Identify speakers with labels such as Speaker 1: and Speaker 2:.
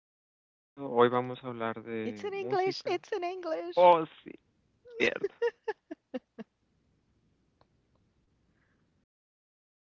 Speaker 1: día, soy Gerardo. Hoy vamos a hablar
Speaker 2: It's
Speaker 1: de
Speaker 2: in English.
Speaker 1: música.
Speaker 2: It's in English.
Speaker 1: Oh, sí, cierto. A ver